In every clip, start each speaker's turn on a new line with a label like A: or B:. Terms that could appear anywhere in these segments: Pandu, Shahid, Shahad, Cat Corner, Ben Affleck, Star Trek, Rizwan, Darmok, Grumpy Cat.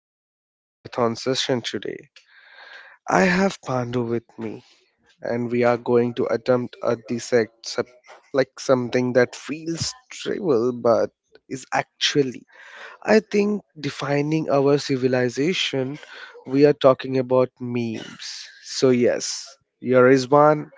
A: sitting in a marathon session today. I have Pandu with me and we are going to attempt like something that feels trivial but is actually, I think, defining our civilization. We are talking about memes. So yes, here is one.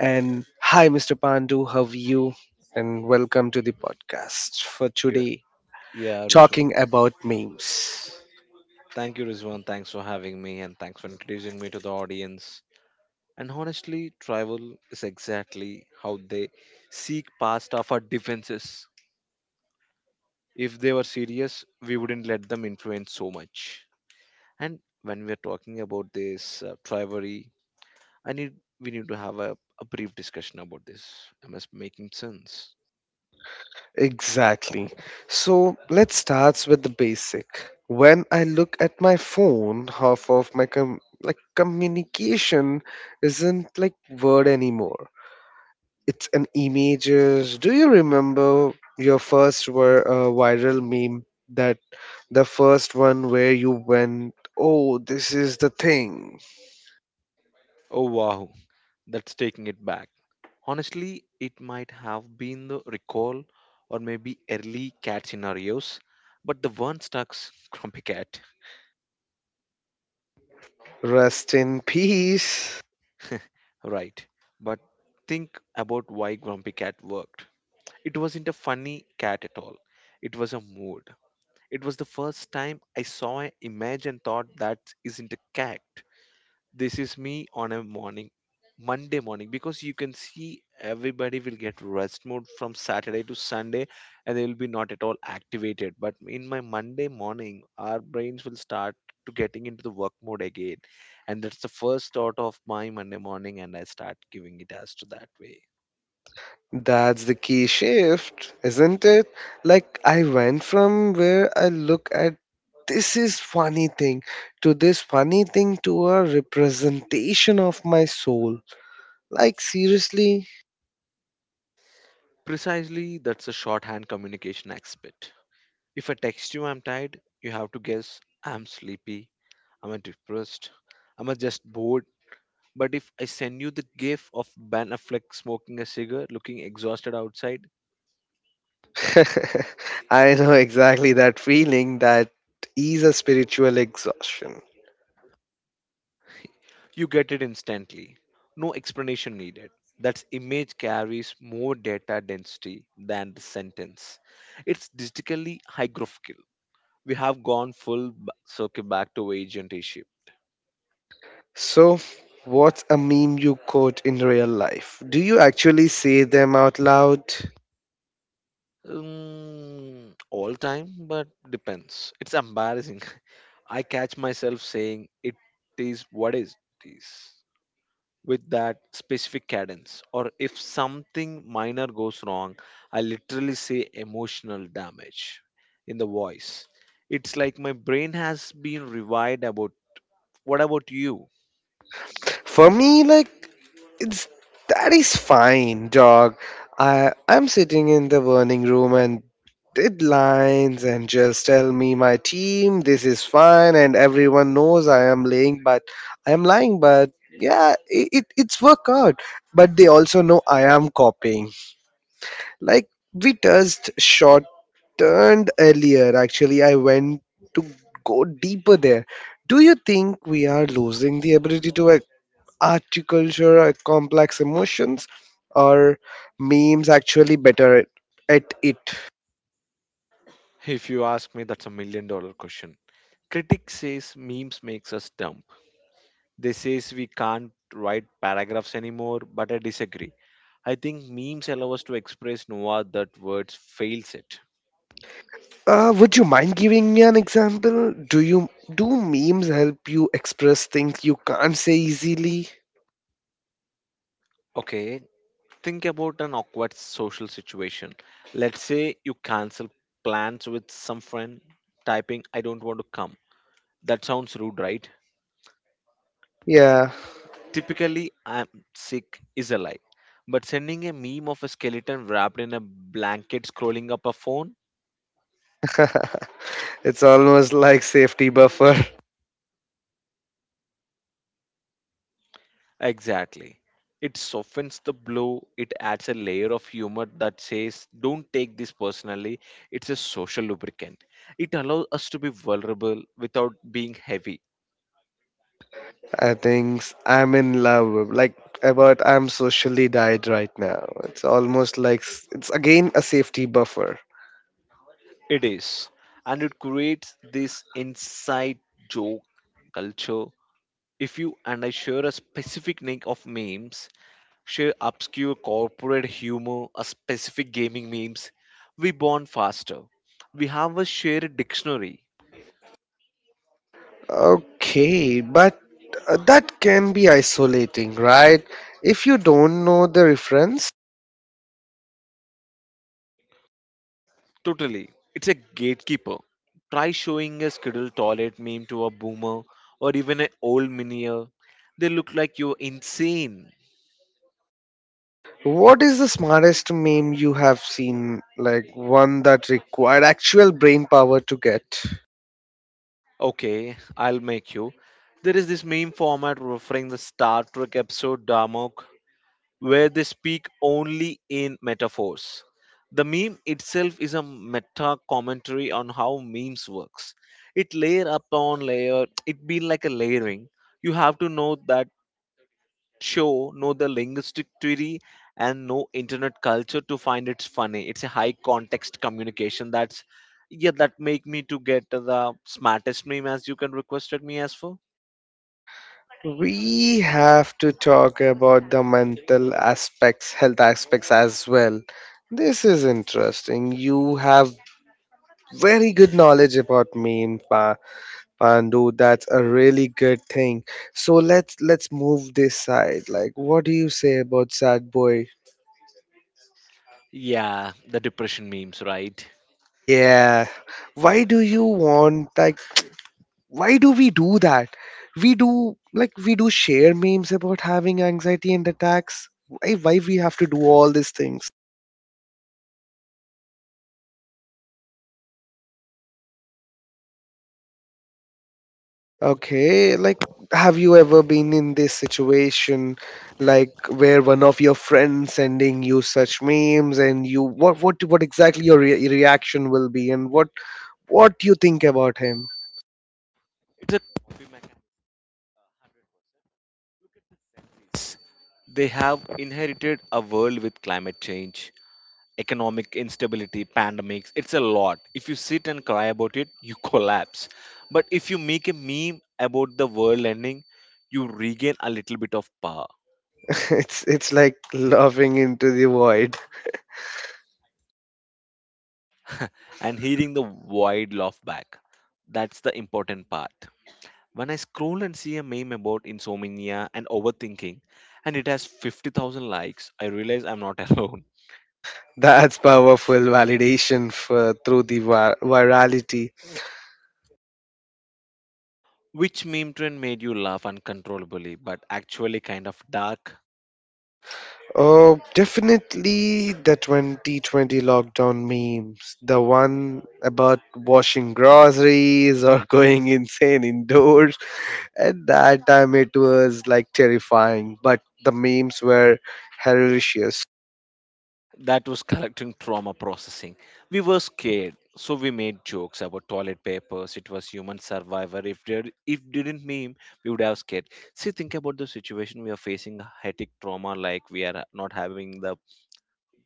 A: And hi Mr. Pandu, how are you? And welcome to the podcast for
B: Yeah,
A: today,
B: yeah, Rizwan.
A: talking about memes.
B: Thank you, Rizwan. Thanks for having me and thanks for introducing me to the audience. And honestly, travel is exactly how they seek past of our defenses. If they were serious, we wouldn't let them influence so much. And when we are talking about this rivalry, I need we need to have a brief discussion about this. Am I making sense?
A: Exactly. So let's start with the basic. When I look at my phone, half of my like communication isn't like word anymore. It's an images. Do you remember your first were viral meme, that the first one where you went, "Oh, this is the thing."?
B: Oh wow, that's taking it back. Honestly, it might have been the recall or maybe early cat scenarios, but the one stuck Grumpy Cat,
A: Rest in peace.
B: right? But think about why Grumpy Cat worked. It wasn't a funny cat at all. It was a mood. It was the first time I saw an image and thought that isn't a cat. This is me on a morning Monday morning, because you can see everybody will get rest mode from Saturday to Sunday, and they will be not at all activated. But in my Monday morning, our brains will start to getting into the work mode again, and that's the first thought of my Monday morning, and I start giving it as to that way.
A: That's the key shift, isn't it? Like, I went from where I look at this is funny thing to this funny thing to a representation of my soul. Like, seriously?
B: Precisely, that's a shorthand communication aspect. If I text you I'm tired, you have to guess I'm sleepy, I'm depressed, I'm just bored. But if I send you the gif of Ben Affleck smoking a cigar, looking exhausted outside,
A: I know exactly that feeling, that is a spiritual exhaustion.
B: you get it instantly. No explanation needed. That image carries more data density than the sentence. It's digitally hierarchical. We have gone full circle back to agent issue.
A: So, what's a meme you quote in real life? Do you actually say them out loud?
B: Mm, all time, but depends. It's embarrassing. I catch myself saying it is what is this with that specific cadence, or if something minor goes wrong I literally say emotional damage in the voice. It's like my brain has been rewired about what about you?
A: For me, like, It's, that is fine, dog. I'm sitting in the burning room and deadlines and just tell me my team this is fine and everyone knows I am lying, but yeah it's work out, but they also know I am copying, like we just short turned earlier. Actually I went to go deeper there. Do you think we are losing the ability to articulate complex emotions, or memes actually better at it?
B: If you ask me, that's a million dollar question. Critic says memes makes us dumb. They says we can't write paragraphs anymore, but I disagree. I think memes allow us to express noah that words fails it.
A: Would you mind giving me an example? Do memes help you express things you can't say easily?
B: Okay. Think about an awkward social situation. Let's say you cancel plans with some friend typing, I don't want to come. That sounds rude, right?
A: Yeah,
B: Typically, I'm sick is a lie. But sending a meme of a skeleton wrapped in a blanket scrolling up a phone?
A: it's almost like safety buffer.
B: Exactly. It softens the blow, it adds a layer of humor that says, don't take this personally. It's a social lubricant. It allows us to be vulnerable without being heavy.
A: I think I'm in love. Like about I'm socially died right now. It's almost like it's again a safety buffer.
B: It is. And it creates this inside joke culture. If you and I share a specific nick of memes, share obscure corporate humor, a specific gaming memes, we bond faster. We have a shared dictionary.
A: Okay, but that can be isolating, right? If you don't know the reference,
B: Totally. It's a gatekeeper. Try showing a scheduled toilet meme to a boomer or even an old minier. They look like you're insane.
A: what is the smartest meme you have seen? Like one that required actual brain power to get?
B: Okay, I'll make you. There is this meme format referring the Star Trek episode Darmok, where they speak only in metaphors. The meme itself is a meta commentary on how memes works. It layer upon layer. It be like a layering. You have to know that show, know the linguistic theory and no internet culture to find it's funny. It's a high context communication. That's, yeah, that make me to get the smartest meme as you can requested me as for.
A: We have to talk about the mental aspects, health aspects as well. This is interesting. You have very good knowledge about meme, Pandu, that's a really good thing. So let's move this side. Like, what do you say about sad boy?
B: Yeah, the depression memes, right?
A: Yeah. Why do you want, like, why do we do that? We do, like, we do share memes about having anxiety and attacks. Why we have to do all these things? Okay, like, have you ever been in this situation, like where one of your friends sending you such memes and you, what exactly your reaction will be, and what you think about him?
B: It's a coping mechanism. They have inherited a world with climate change, economic instability, pandemics. It's a lot. If you sit and cry about it, you collapse. But if you make a meme about the world ending, you regain a little bit of power
A: It's like laughing into the void.
B: and hearing the wide laugh back. That's the important part. When I scroll and see a meme about insomnia and overthinking, and it has 50,000 likes, I realize I'm not alone.
A: That's powerful validation for through the virality.
B: Which meme trend made you laugh uncontrollably but actually kind of dark?
A: Oh, definitely the 2020 lockdown memes. The one about washing groceries or going insane indoors. At that time, it was like terrifying, but the memes were hilarious.
B: That was collecting trauma processing. We were scared, so we made jokes about toilet papers. It was human survivor. If didn't meme, we would have scared. See, think about the situation we are facing: hectic trauma, like we are not having the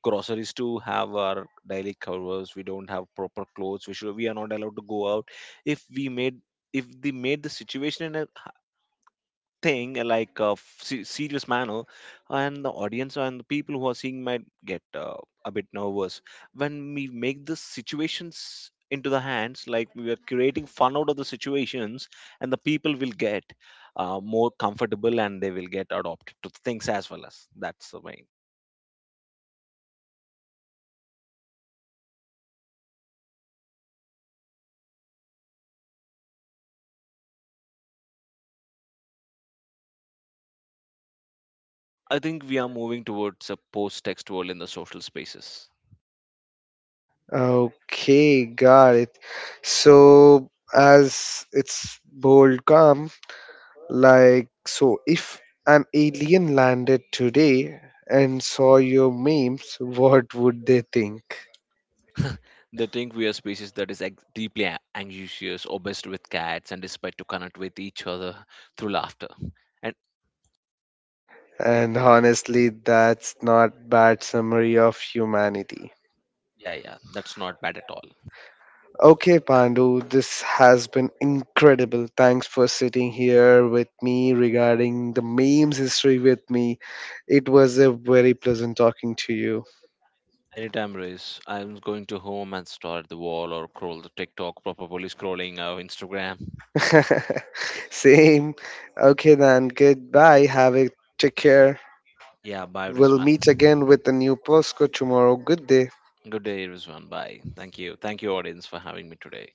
B: groceries to have our daily covers. We don't have proper clothes. We are not allowed to go out. If we made if they made the situation in a thing like a serious manner, and the audience and the people who are seeing might get a bit nervous. When we make the situations into the hands, like we are creating fun out of the situations, and the people will get more comfortable, and they will get adopted to things as well as that's the main. I think we are moving towards a post text world in the social spaces.
A: Okay, got it. So, as it's bold come, like, so if an alien landed today and saw your memes, what would they think?
B: They think we are species that is deeply anxious, obsessed with cats, and despite to connect with each other through laughter. And
A: And honestly, that's not bad summary of humanity.
B: yeah, yeah, that's not bad at all.
A: Okay, Pandu, this has been incredible. Thanks for sitting here with me regarding the memes history with me. It was a very pleasant talking to you.
B: Anytime, Riz, I'm going to home and stare at the wall or scroll the TikTok, probably scrolling our Instagram.
A: Same. Okay, then. Goodbye. Have a take care.
B: Yeah, bye,
A: We'll
B: Rizwan.
A: meet again with a new postcode tomorrow. Good day.
B: Good day, Rizwan. Bye. Thank you. Thank you, audience, for having me today.